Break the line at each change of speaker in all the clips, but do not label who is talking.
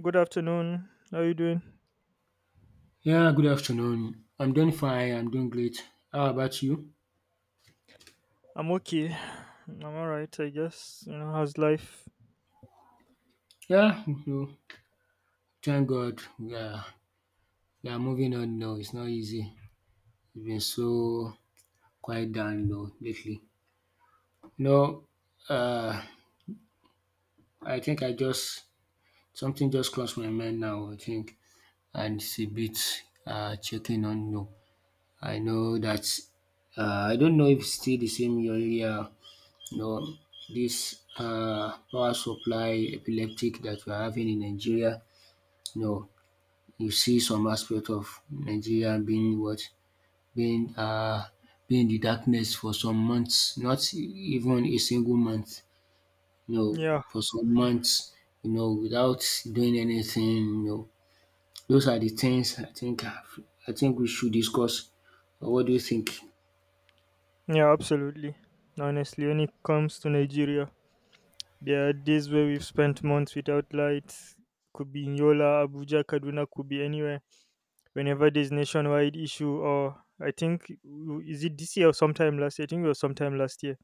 Good afternoon. How you doing?
Yeah, good afternoon. I'm doing fine. I'm doing great. How about you?
I'm okay. I'm alright, I guess. You know, how's life?
Yeah, thank God we are moving on now. It's not easy. It's been so quiet down though lately. No, uh, I think I just something just crossed my mind now. I think and it's a bit checking on no. I know that I don't know if it's still the same earlier. No, this power supply epileptic that we're having in Nigeria. No, you see some aspect of Nigeria being what? Being uh Being in the darkness for some months, not even a single month,
Yeah,
for some months, without doing anything. Those are the things I think we should discuss. What do you think?
yeah, absolutely. Honestly, when it comes to Nigeria, there are days where we've spent months without lights. Could be in Yola, Abuja, Kaduna, could be anywhere. Whenever there's nationwide issue, or I think is it this year or sometime last year? I think it was sometime last year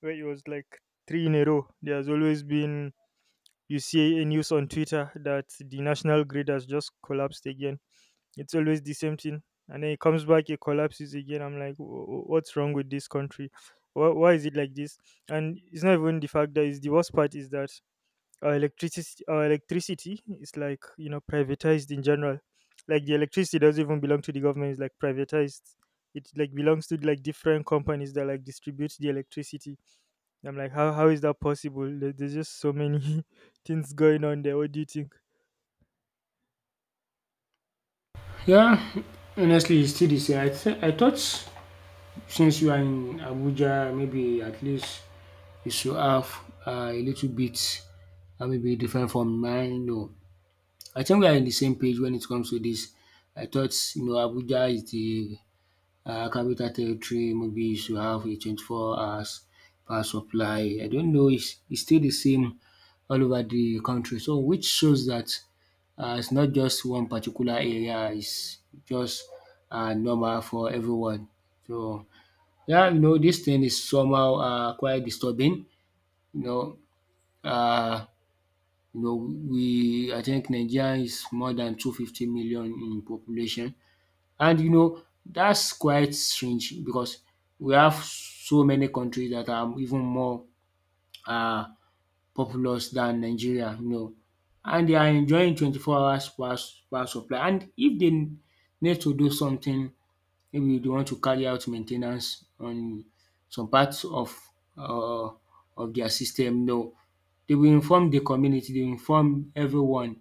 where it was like three in a row. There's always been, you see a news on Twitter that the national grid has just collapsed again. It's always the same thing. And then it comes back, it collapses again. I'm like, what's wrong with this country? Why is it like this?" And it's not even the fact that, it's the worst part is that our electricity is like, you know, privatized in general. Like the electricity doesn't even belong to the government, it's like privatized. It like belongs to like different companies that like distribute the electricity. I'm like, how is that possible? There's just so many things going on there. What do you think?
Yeah, honestly, it's still the same. I thought since you are in Abuja, maybe at least you should have a little bit, maybe different from mine. No, I think we are in the same page when it comes to this. I thought, Abuja is the capital territory. Maybe you should have a 24 hours power supply. I don't know. It's still the same all over the country. So, which shows that it's not just one particular area. It's just normal for everyone. So, yeah, this thing is somehow quite disturbing. You know, uh, we I think Nigeria is more than 250 million in population, and you know that's quite strange because we have so many countries that are even more um populous than Nigeria, and they are enjoying 24 hours power supply. And if they need to do something, maybe they want to carry out maintenance on some parts um of their system. No, they will inform the community, they will inform everyone,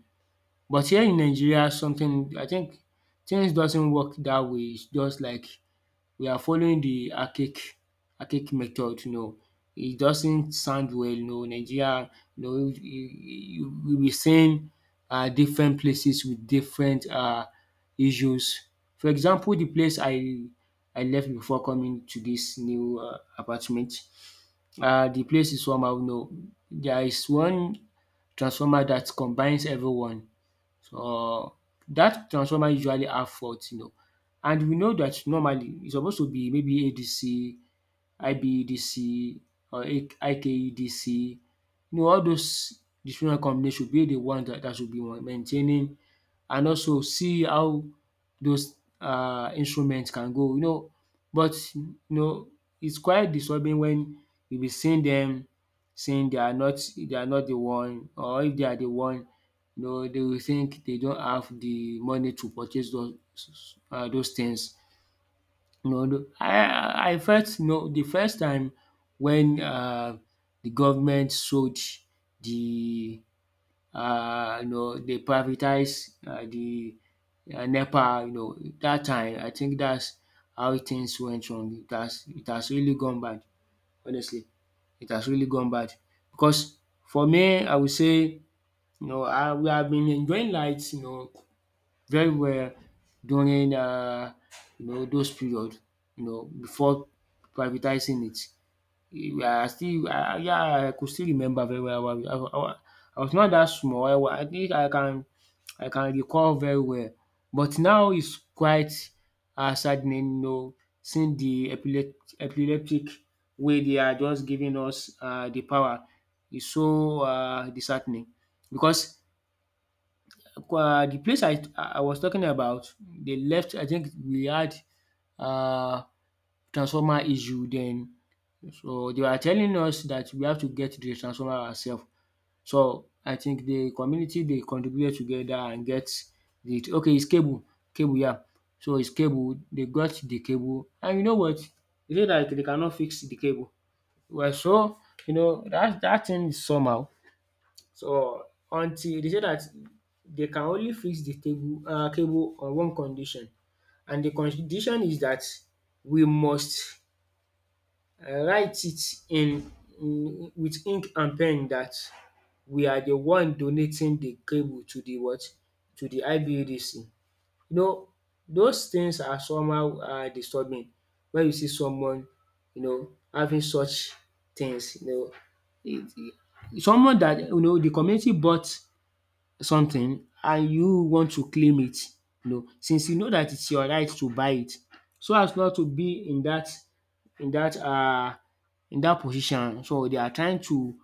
but here in Nigeria something I think things doesn't work that way. It's just like we are following the archaic method, It doesn't sound well. Nigeria, you we'll be seeing different places with different issues. For example, the place I left before coming to this new apartment, the place is somehow, There is one transformer that combines everyone. So that transformer usually have fault, and we know that normally it's supposed to be maybe ADC, IBEDC, or IKEDC. You know all those different companies should be the ones that should be maintaining and also see how those instruments can go. But it's quite disturbing when you be seeing them saying they are not the one, or if they are the one, you know they will think they don't have the money to purchase those those things. No, I felt no the first time when the government sold the you know they privatized the NEPA. You know that time I think that's how things went wrong. It has really gone bad, honestly. It has really gone bad because for me I would say you know I we have been enjoying light, very well during those period before privatizing it. I still I yeah, I could still remember very well. I was not that small. I think I can recall very well, but now it's quite saddening, seeing the epileptic way they are just giving us the power. Is so disheartening because Kwa the place I was talking about, they left. I think we had um transformer issue then. So they were telling us that we have to get the transformer ourself. So I think the community, they contributed together and get it. Okay, it's cable. Cable, yeah. So it's cable. They got the cable. And you know what? They say that they cannot fix the cable. Well, so you know that that thing is somehow. So until they say that they can only fix the table cable on one condition, and the condition is that we must write it in with ink and pen that we are the one donating the cable to the what? To the IBEDC. You know those things are somehow disturbing when you see someone, you know, having such things, it, it- Someone that you know the community bought something and you want to claim it, you know, since you know that it's your right to buy it so as not to be in that in that uh, in that position. So they are trying to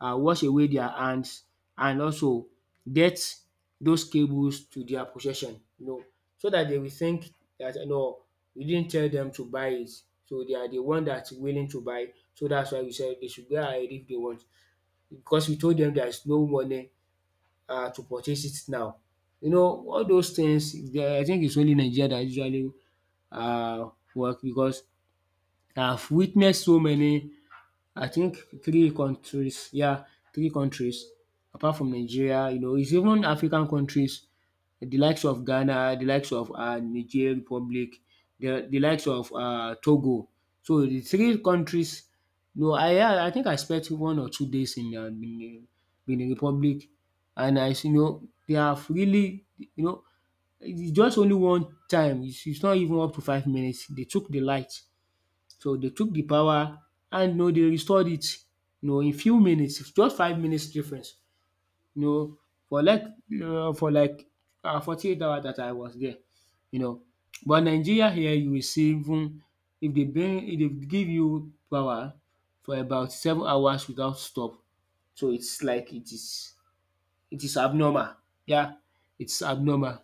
wash away their hands, and also get those cables to their possession, you know, so that they will think that no we didn't tell them to buy it. So they are the one that's willing to buy, so that's why we said they should go ahead if they want, because we told them there is no money to purchase it now. You know all those things they- I think it's only Nigeria that usually work, because I've witnessed so many. I think three countries, yeah, three countries apart from Nigeria, you know, it's even African countries, the likes of Ghana, the likes of Niger Republic, the likes of Togo. So the three countries, no, I think I spent 1 or 2 days in Benin, Benin Republic, and I you know they have really, you know, it's just only one time. It's not even up to 5 minutes. They took the light, so they took the power, and you know they restored it, you know, in few minutes, just 5 minutes difference, you know, for like for 48 hours that I was there, you know. But Nigeria here you will see even if they bring if they give you power for about 7 hours without stop. So it's like it is abnormal, yeah, it's abnormal,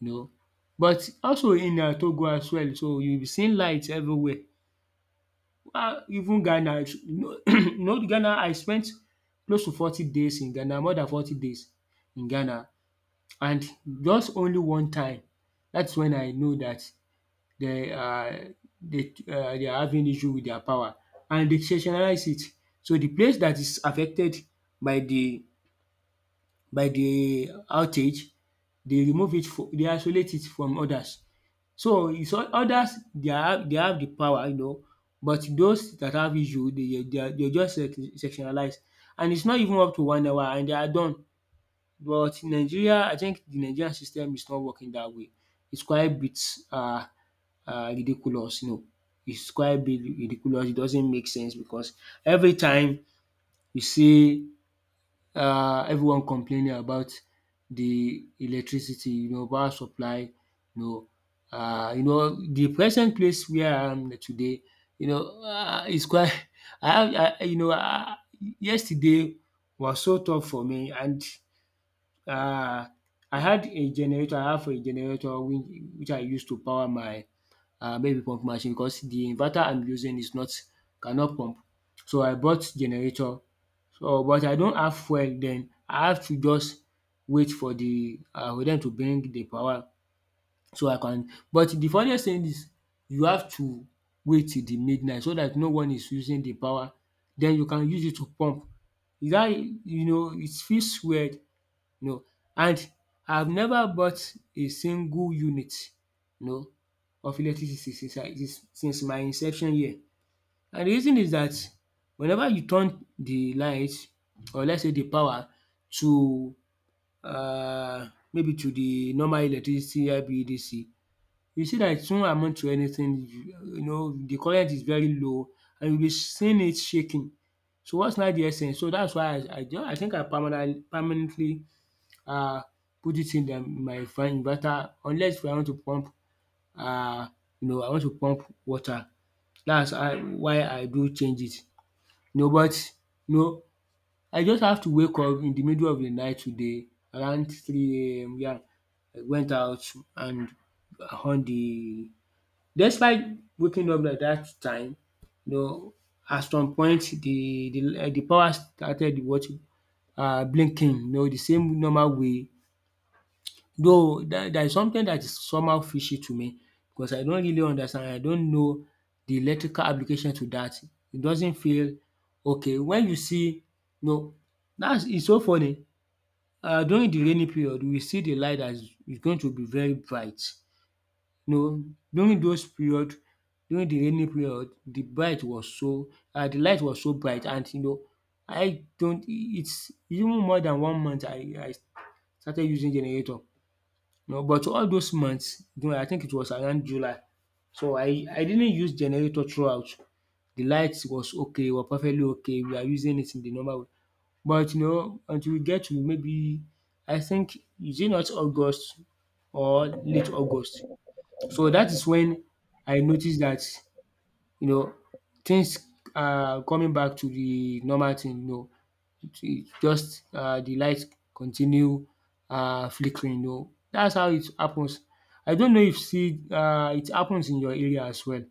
you know. But also in Togo as well, so you will be seeing light everywhere, even Ghana it's- you know you know Ghana I spent close to 40 days in Ghana, more than 40 days in Ghana, and just only one time. That's when I know that they um they dey are having issue with their power, and they sensationalize it. So the place that is affected by the outage, they remove it for they isolate it from others. So is others, they have the power, you know, but those that have issue, they are just sectionalized, and it's not even up to one hour and they are done. But in Nigeria I think the Nigerian system is not working that way. It's quite a bit um ridiculous, It's quite a bit ridiculous, it doesn't make sense, because every time you see everyone complaining about the electricity, you know, power supply, you know. The present place where I am today, you know, is quite, I have, I, you know, yesterday was so tough for me, and uh, I had a generator, I have a generator which, I use to power my baby pump machine, because the inverter I'm using is not, cannot pump. So I bought generator, so but I don't have fuel. Then I have to just wait for the for dem to bring the power so I can, but the funniest thing is you have to wait till the midnight so that no one is using the power. Then you can use it to pump. Is dat, you know it feels weird, you know. And I've never bought a single unit, you know, of electricity since I since my inception year. And the reason is that whenever you turn the light or let's say the power to maybe to the normal electricity IBEDC, you see that it won't amount to anything. You know the current is very low, and you'll be seeing it shaking. So what's now the essence? So that's why I think I permanently permanently um put it in my fan inverter, unless if I want to pump, um you know I want to pump water. That's how why I do change it. No, but no, I just have to wake up in the middle of the night today around three AM. Yeah, I went out and on the despite waking up at that time, you know, at some point the power started what blinking, you know, the same normal way. Though there is something that is somehow fishy to me because I don't really understand, I don't know the electrical application to that. It doesn't feel okay. When you see no, that's it's so funny. During the rainy period, we see the light that is going to be very bright. No, during those period, during the rainy period, the light was so bright, and you know, I don't it's even more than one month I started using generator. No, but all those months, you know, I think it was around July, so I didn't use generator throughout. The lights was okay, were perfectly okay. We are using it in the normal way. But you know, until we get to maybe, I think, is it not August or late August? So that is when I noticed that, you know, things are coming back to the normal thing. You know, it just the light continue flickering no. That's how it happens. I don't know if still it happens in your area as well.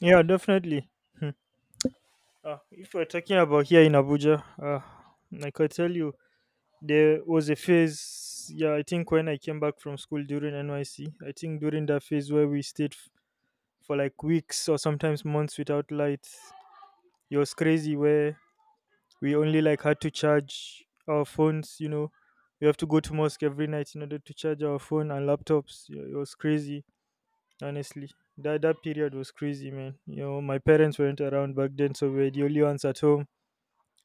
Yeah, definitely. Hmm. If we're talking about here in Abuja, like I tell you, there was a phase. Yeah, I think when I came back from school during NYC, I think during that phase where we stayed for like weeks or sometimes months without light, it was crazy. Where we only like had to charge our phones, you know, we have to go to mosque every night in order to charge our phone and laptops. Yeah, it was crazy, honestly. That period was crazy, man. You know, my parents weren't around back then, so we were the only ones at home.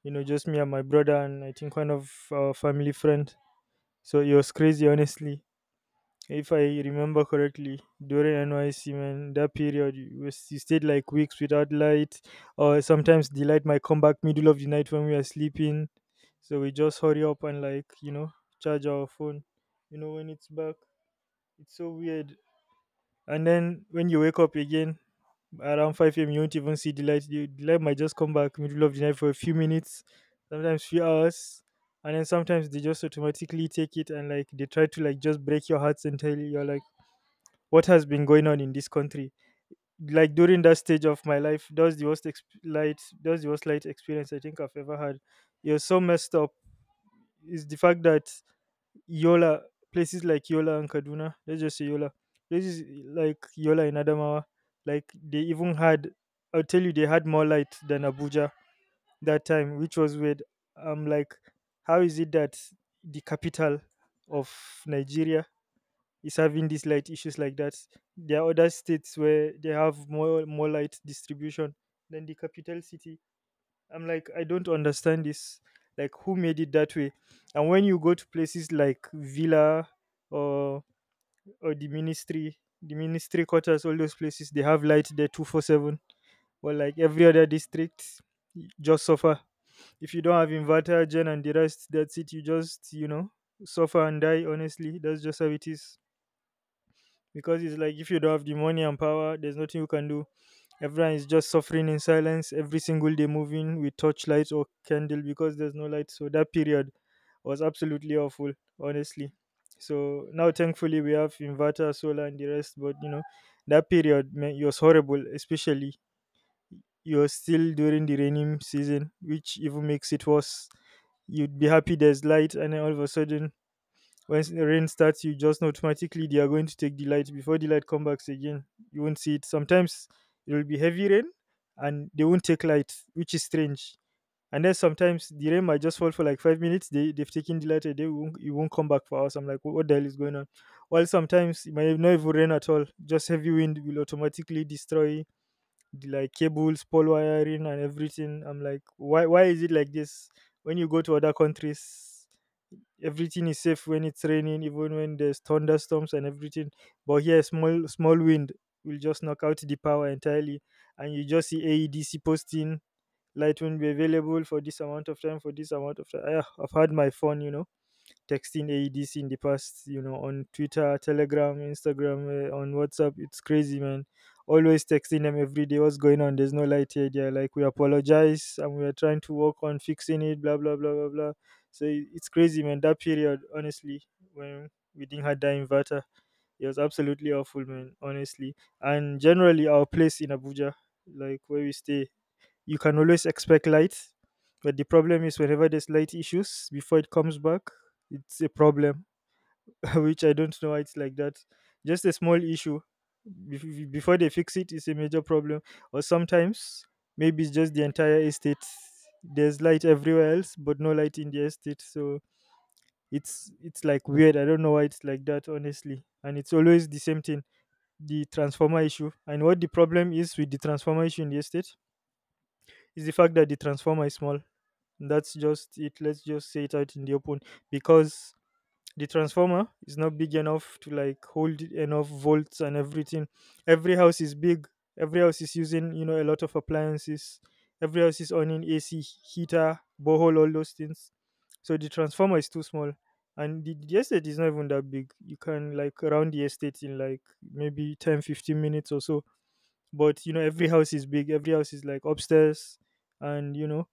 You know, just me and my brother and I think one of our family friend. So it was crazy, honestly. If I remember correctly, during NYC, man, that period, you, you stayed like weeks without light, or sometimes the light might come back middle of the night when we are sleeping. So we just hurry up and, like, you know, charge our phone, you know, when it's back. It's so weird. And then when you wake up again around 5 a.m., you won't even see the light. The light might just come back middle of the night for a few minutes, sometimes few hours, and then sometimes they just automatically take it and like they try to like just break your heart entirely. You're like, what has been going on in this country. Like during that stage of my life, that was the light, that was the worst light experience I think I've ever had. It was so messed up. Is the fact that Yola, places like Yola and Kaduna, let's just say Yola, places like Yola in Adamawa, like they even had, I'll tell you, they had more light than Abuja that time, which was weird. I'm like, how is it that the capital of Nigeria is having these light issues like that? There are other states where they have more light distribution than the capital city. I'm like, I don't understand this. Like, who made it that way? And when you go to places like Villa or or the ministry quarters, all those places, they have light there 24/7. Well, like every other district, just suffer. If you don't have inverter, gen, and the rest, that's it. You just, you know, suffer and die. Honestly, that's just how it is, because it's like if you don't have the money and power, there's nothing you can do. Everyone is just suffering in silence every single day, moving with torchlight or candle because there's no light. So that period was absolutely awful, honestly. So now, thankfully, we have inverter, solar, and the rest. But you know, that period, man, it was horrible, especially you're still during the rainy season, which even makes it worse. You'd be happy there's light, and then all of a sudden when rain starts, you just know automatically they are going to take the light. Before the light comes back again, you won't see it. Sometimes it will be heavy rain and they won't take light, which is strange. And then sometimes the rain might just fall for like 5 minutes, they've taken the light and they won't, it won't come back for hours. I'm like, what the hell is going on? While sometimes it might not even rain at all, just heavy wind will automatically destroy the like cables, pole, wiring, and everything. I'm like, why is it like this? When you go to other countries, everything is safe when it's raining, even when there's thunderstorms and everything. But here, small small wind will just knock out the power entirely, and you just see AEDC posting light will be available for this amount of time, for this amount of time. Ah, I've had my fun, you know, texting AEDC in the past, you know, on Twitter, Telegram, Instagram, on WhatsApp. It's crazy, man. Always texting them every day. What's going on? There's no light here. They're like, we apologize and we are trying to work on fixing it, blah, blah, blah, blah, blah. So it's crazy, man. That period, honestly, when we didn't have that inverter, it was absolutely awful, man, honestly. And generally, our place in Abuja, like where we stay, you can always expect light. But the problem is, whenever there's light issues, before it comes back, it's a problem, which I don't know why it's like that. Just a small issue. bef- Before they fix it, it's a major problem. Or sometimes, maybe it's just the entire estate. There's light everywhere else, but no light in the estate. So it's like weird. I don't know why it's like that, honestly. And it's always the same thing, the transformer issue. And what the problem is with the transformer issue in the estate is the fact that the transformer is small. That's just it. Let's just say it out in the open, because the transformer is not big enough to like hold enough volts and everything. Every house is big. Every house is using, you know, a lot of appliances. Every house is owning AC, heater, borehole, all those things. So the transformer is too small, and the estate is not even that big. You can like round the estate in like maybe 10, 15 minutes or so, but you know every house is big, every house is like upstairs, and you know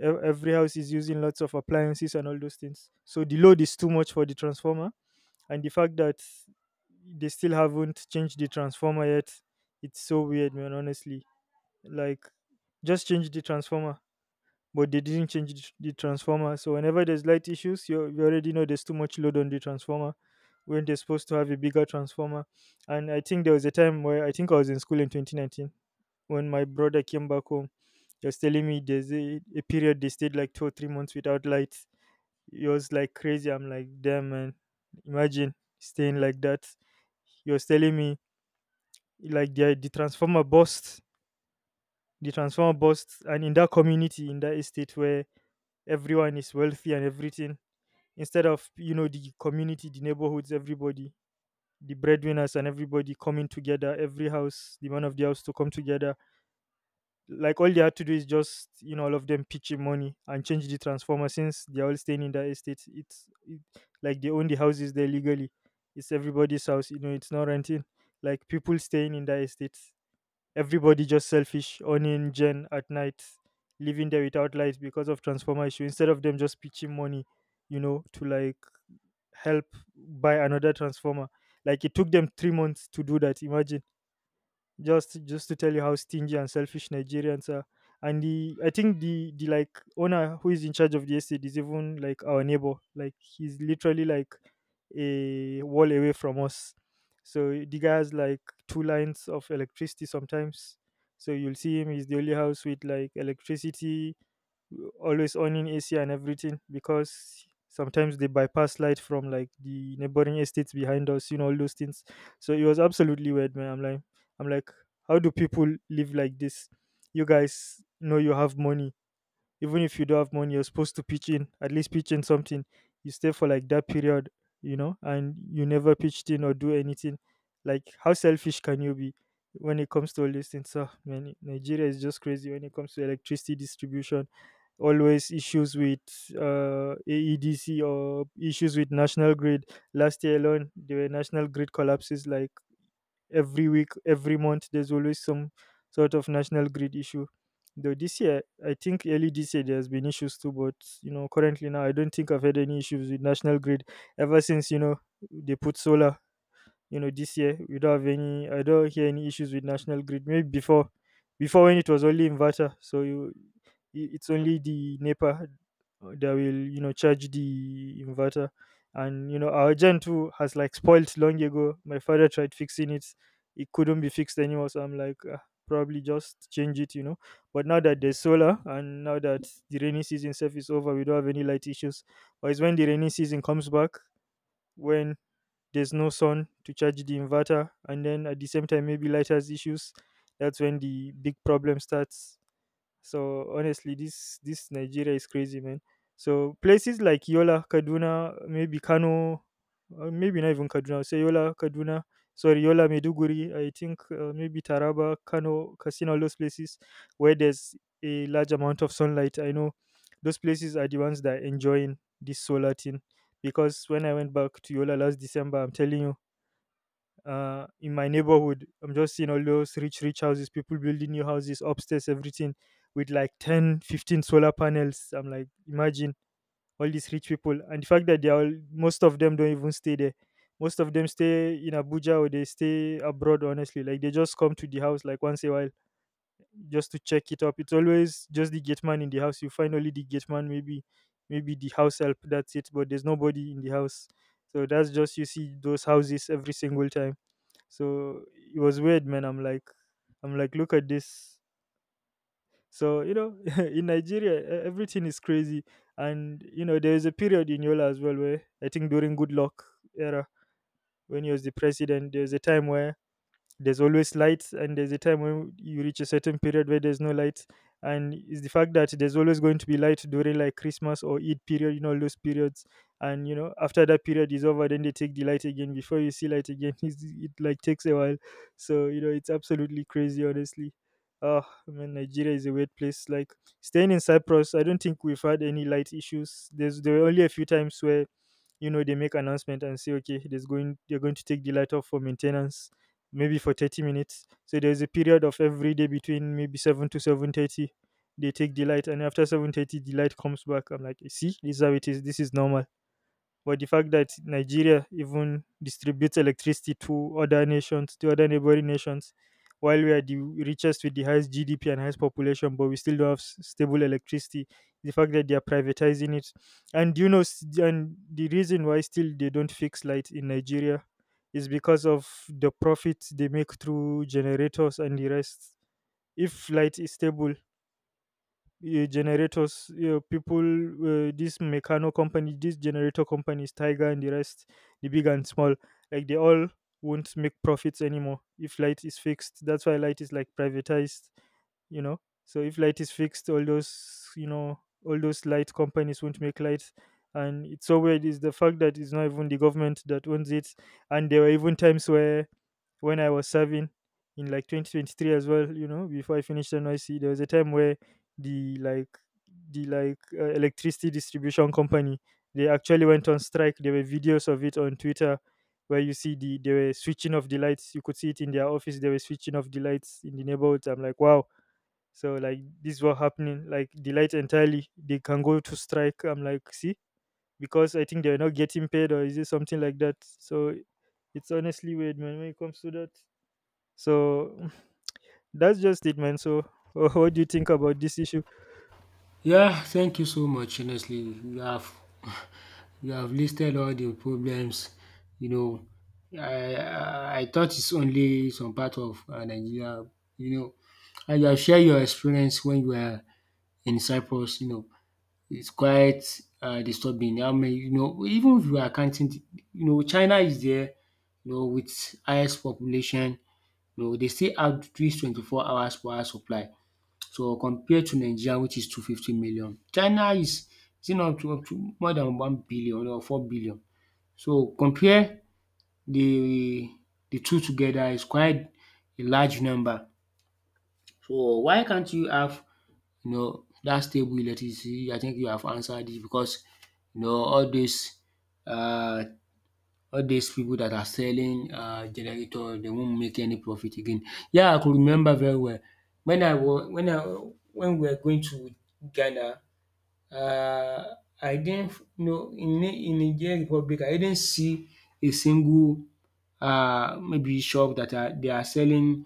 every house is using lots of appliances and all those things, so the load is too much for the transformer. And the fact that they still haven't changed the transformer yet, it's so weird, man, honestly. Like, just change the transformer, but they didn't change the the transformer. So whenever there's light issues, you already know there's too much load on the transformer when they're supposed to have a bigger transformer. And I think there was a time where, I think I was in school in 2019 when my brother came back home. He was telling me there's a period they stayed like 2 or 3 months without light. It was like crazy. I'm like, damn, man, imagine staying like that. He was telling me like the transformer burst, the transformer burst, and in that community, in that estate where everyone is wealthy and everything, instead of, you know, the community, the neighborhoods, everybody, the breadwinners and everybody coming together, every house, the man of the house to come together, like all they had to do is just, you know, all of them pitch in money and change the transformer, since they're all staying in that estate, like they own the houses there legally, it's everybody's house, you know, it's not renting. Like people staying in that estate, everybody just selfish, owning gen at night, living there without lights because of transformer issue, instead of them just pitching money, you know, to like help buy another transformer. Like it took them 3 months to do that. Imagine, just to tell you how stingy and selfish Nigerians are. And the, I think the like owner who is in charge of the estate is even like our neighbor. Like he's literally like a wall away from us. So the guy has like two lines of electricity sometimes. So you'll see him, he's the only house with like electricity, always owning AC and everything, because sometimes they bypass light from like the neighboring estates behind us, you know, all those things. So it was absolutely weird, man. I'm like, how do people live like this? You guys know you have money, even if you don't have money, you're supposed to pitch in, at least pitch in something. You stay for like that period, and you never pitched in or do anything. Like, how selfish can you be when it comes to all these things? So, man, Nigeria is just crazy when it comes to electricity distribution. Always issues with AEDC or issues with national grid. Last year alone, there were national grid collapses like every week, every month, there's always some sort of national grid issue. Though this year, I think early this year there has been issues too, but you know, currently now I don't think I've had any issues with national grid ever since they put solar. You know, this year we don't have any. I don't hear any issues with national grid. Maybe before, when it was only inverter, so it's only the NEPA that will charge the inverter, and you know our gen 2 has like spoiled long ago. My father tried fixing it, it couldn't be fixed anymore, so I'm like, "Ah, probably just change it, you know." But now that there's solar and now that the rainy season itself is over, we don't have any light issues. But it's when the rainy season comes back, when there's no sun to charge the inverter and then at the same time maybe light has issues, that's when the big problem starts. So honestly, this Nigeria is crazy, man. So places like Yola, Kaduna, maybe Kano, maybe not even Kaduna. Say Yola, Kaduna. Sorry, Yola, Meduguri. I think maybe Taraba, Kano, Kasina, all those places where there's a large amount of sunlight. I know those places are the ones that are enjoying this solar thing, because when I went back to Yola last December, I'm telling you, in my neighborhood, I'm just seeing all those rich, rich houses, people building new houses upstairs, everything with like 10, 15 solar panels. I'm like, imagine all these rich people. And the fact that they are all, most of them don't even stay there. Most of them stay in Abuja or they stay abroad, honestly. Like they just come to the house like once a while, just to check it up. It's always just the gate man in the house. You find only the gate man, maybe the house help, that's it. But there's nobody in the house. So that's just, you see those houses every single time. So it was weird, man. I'm like, look at this. So you know, in Nigeria, everything is crazy, and you know, there is a period in Yola as well where I think during Good Luck era, when he was the president, there was a time where there's always lights, and there's a time when you reach a certain period where there's no lights, and it's the fact that there's always going to be light during like Christmas or Eid period, you know, those periods. And you know, after that period is over, then they take the light again before you see light again. It's, it like takes a while. So you know, it's absolutely crazy, honestly. Oh man, Nigeria is a weird place. Like, staying in Cyprus, I don't think we've had any light issues. There's there were only a few times where you know they make announcement and say, okay, there's going they're going to take the light off for maintenance, maybe for 30 minutes. So there's a period of every day between maybe 7 to 7:30 they take the light, and after 7:30 the light comes back. I'm like, see, this is how it is, this is normal. But the fact that Nigeria even distributes electricity to other nations, to other neighboring nations, while we are the richest with the highest GDP and highest population, but we still don't have stable electricity. The fact that they are privatizing it, and you know, and the reason why still they don't fix light in Nigeria is because of the profits they make through generators and the rest. If light is stable, generators, people, this mechano company, this generator companies, tiger and the rest, the big and small, like they all won't make profits anymore if light is fixed. That's why light is like privatized, you know. So if light is fixed, all those all those light companies won't make light. And it's so weird is the fact that it's not even the government that owns it. And there were even times where when I was serving in like 2023 as well. You know, before I finished NYC, there was a time where the like the like electricity distribution company, they actually went on strike. There were videos of it on Twitter where you see they were switching off the lights. You could see it in their office. They were switching off the lights in the neighborhoods. I'm like, wow. So like this was happening. Like the light entirely, they can go to strike. I'm like, see, because I think they're not getting paid or is it something like that. So it's honestly weird, man when it comes to that. So that's just it, man. So what do you think about this issue?
Yeah, thank you so much, honestly. You have you have listed all the problems, you know. I thought it's only some part of Nigeria, you know, and you have shared your experience when you were in Cyprus, you know. It's quite disturbing how many, you know, even if we are counting the you know, China is there, you know, with highest population, you know, they still have this 24 hours power supply. So compare to Nigeria, which is 250 million. China, is it not up to more than 1 billion or 4 billion? So compare the the two together is quite a large number. So why can't you have, you know, dat stable electricity? I think you have answered it because, you know, uh, all these people that are selling generator, they won't make any profit again. Yeah, I could remember very well when I was when I when we were going to Ghana. I didn't you know in Niger Republic, I didn't see a single maybe shop that are selling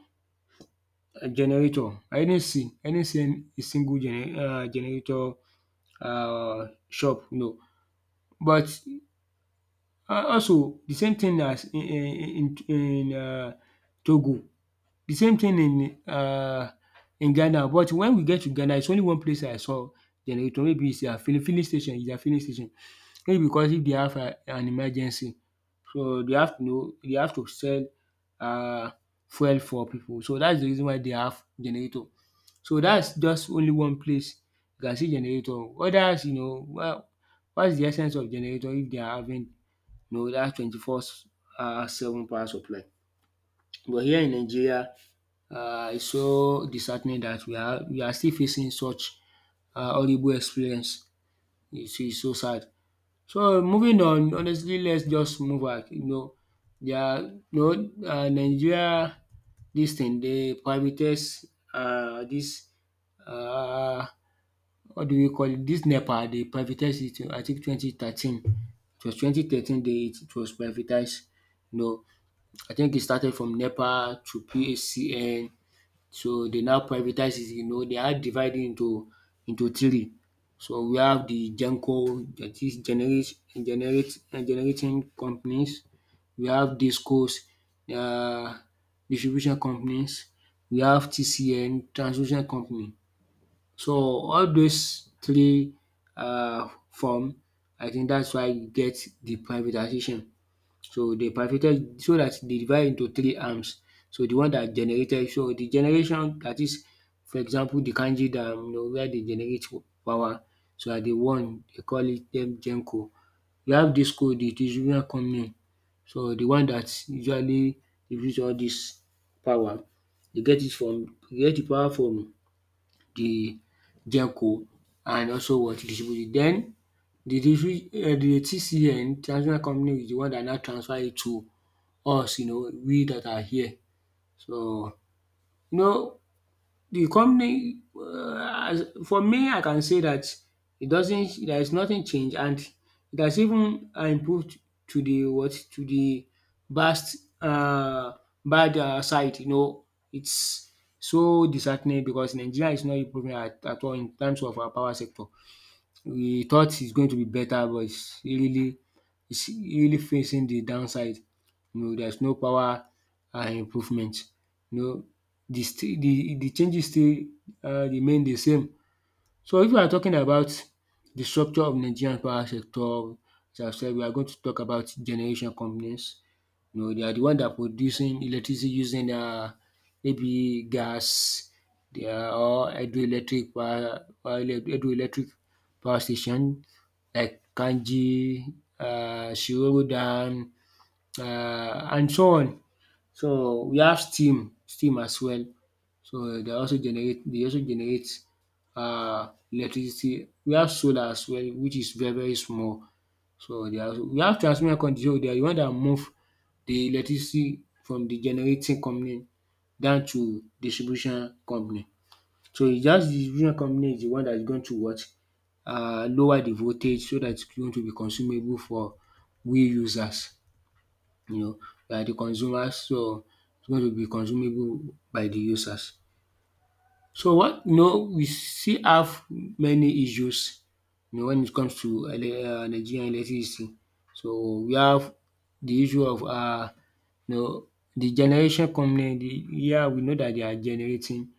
a generator. I didn't see, a single generator shop, you know. But also the same thing as in Togo, the same thing in Ghana. But when we get to Ghana, it's only one place I saw generator. Maybe it's is their filling station. It's their filling station. Maybe because if they have an emergency, so they have to sell uh fuel for people. So that's the reason why they have generator. So that's just only one place you can see generator. Others, you know, well, what's the essence of generator if they are having, you know, that 24 seven power supply? But here in Nigeria, it's so disheartening that we are still facing such horrible experience. It's so sad. So moving on, honestly, let's just move back. You know, there are you know, Nigeria, this thing they privatize, this uh, what do we call it? This NEPA, they privatized it. I think 2013. It was 2013, they it it was privatized. You know, I think it started from NEPA to PACN, so they now privatize it. You know, they are divided into three. So we have the Genco, that is generate generate generating companies. We have Discos, um distribution companies. We have TCN, transmission company. So all those three form, I think that's why you get the privatization. So they bifurcated so that they divide into three arms. So the one that generated so the generation, that is, for example, the Kainji dam, you know, where they generate power, so na the one they call it them Genco. We have this coal, the distribution company, so the one that usually distribute all this power, they get it from dey get the power from the Genco and also what distribute it. Den the TCN, transmission company, is the one that now transfer it to us, you know, we that are here. So, you know, the company, as for me, I can say that it doesn't there is nothing changed, and it has even improved to the what to the best, bad side, you know. It's so disheartening because Nigeria is not improving at all in terms of our power sector. We thought it's going to be better, but it's really facing the downside. You know, there's no power improvement. You know, the changes still remain the same. So if we are talking about the structure of Nigerian power sector, as I said, we are going to talk about generation companies. You know, they are the one that producing electricity using maybe gas. They are all hydroelectric power station like Kanji, Shiroro Dam, and so on. So we have steam as well. So they also generate electricity. We have solar as well, which is very very small. So, they are we have transmission company, so they are the one that move the electricity from the generating company down to distribution company. So, it's just the distribution company is the one that is going to what? Lower the voltage so that it's going to be consumable for we users, you know, by the consumers. So, it's going to be consumable by the users. So, what, you know, we still have many issues, you know, when it comes to Nigerian electricity. So we have the issue of, you know, the generation company, the yeah, we know that they are generating,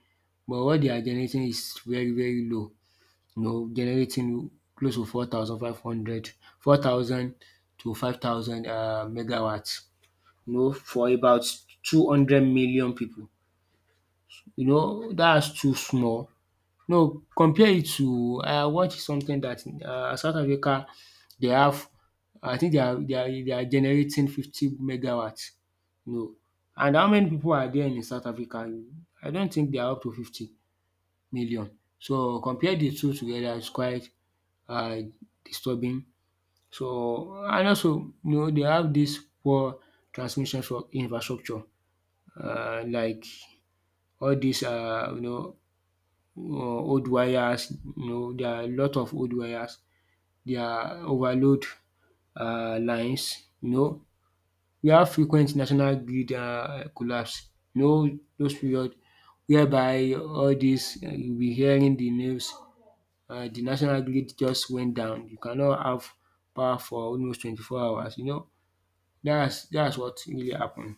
but what they are generating is very very low, you know, generating close to four thousand five hundred, four thousand to 5,000 megawatts, you know, for about 200 million people. You know that is too small. No, compare it to, I watch something that South Africa, they have, I think they are generating 50 megawatt. No. And how many people are there in South Africa? I don't think they are up to 50 million. So compare the two together is quite um disturbing. So, and also, you know, they have this poor transmission for infrastructure, like all these, you know, old wires, you know, there are a lot of old wires, there are overload lines, you know. We have frequent national grid collapse, you know, those period whereby all dis you will be hearing the news, de national grid just went down, you cannot have power for almost 24 hours, you know. That's what really happened.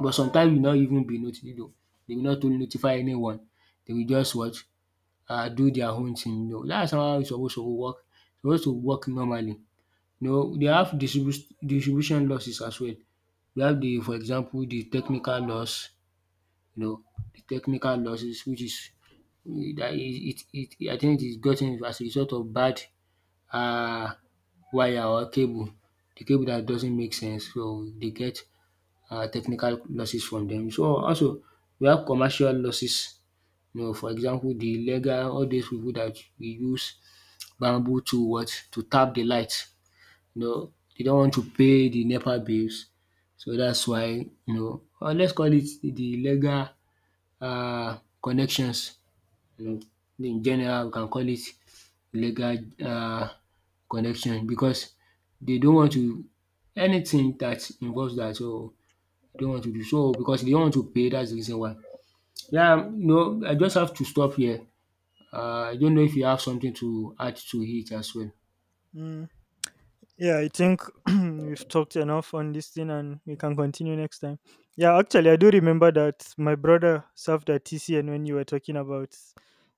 But sometimes you not even be notice, dey will not notify anyone. They will just what do their own thing. No, that's how e supposed to work, normally. You know, they have distribution losses as well. We have, the for example, the technical loss, you know, the technical losses, which is that it, I think, it is gotten as a result of bad um wire or cable. The cable that doesn't make sense, so they get technical losses from them. So also we have commercial losses, you know, for example, the illegal all these people that we use bamboo to tap the light. You know, they not want to pay the NEPA bills. So that's why, you know, or let's call it the legal connections. You know, in general, we can call it legal um connection because they don't want to anything that involves that. So they don't want to do so because they don't want to pay. That's the reason why. Yeah, you know, I just have to stop here. I don't know if you have something to add to it as well.
Mm. Yeah, I think we've talked enough on this thing and we can continue next time. Yeah, actually, I do remember that my brother served at TCN when you were talking about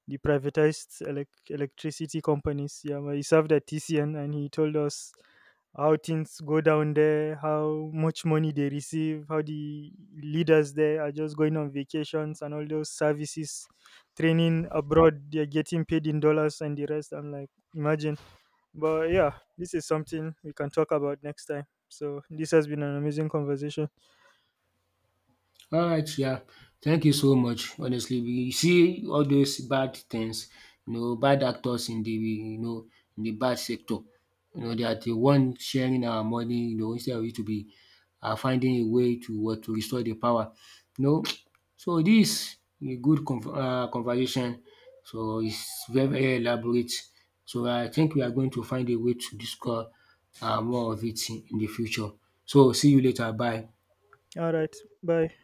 the privatized electricity companies. Yeah, well, he served at TCN and he told us how things go down there, how much money they receive, how the leaders there are just going on vacations and all those services, training abroad, they're getting paid in dollars and the rest. I'm like, imagine. But yeah, this is something we can talk about next time. So this has been an amazing conversation.
Alright, yeah. Thank you so much. Honestly, we see all those bad things, you know, bad actors you know, in the bad sector. You know, they are the one sharing our money, you know, instead of it to be, finding a way to restore the power. You know, so this a good conversation. So it's very, very elaborate. So I think we are going to find a way to discuss more of it in the future. So see you later. Bye.
All right. Bye.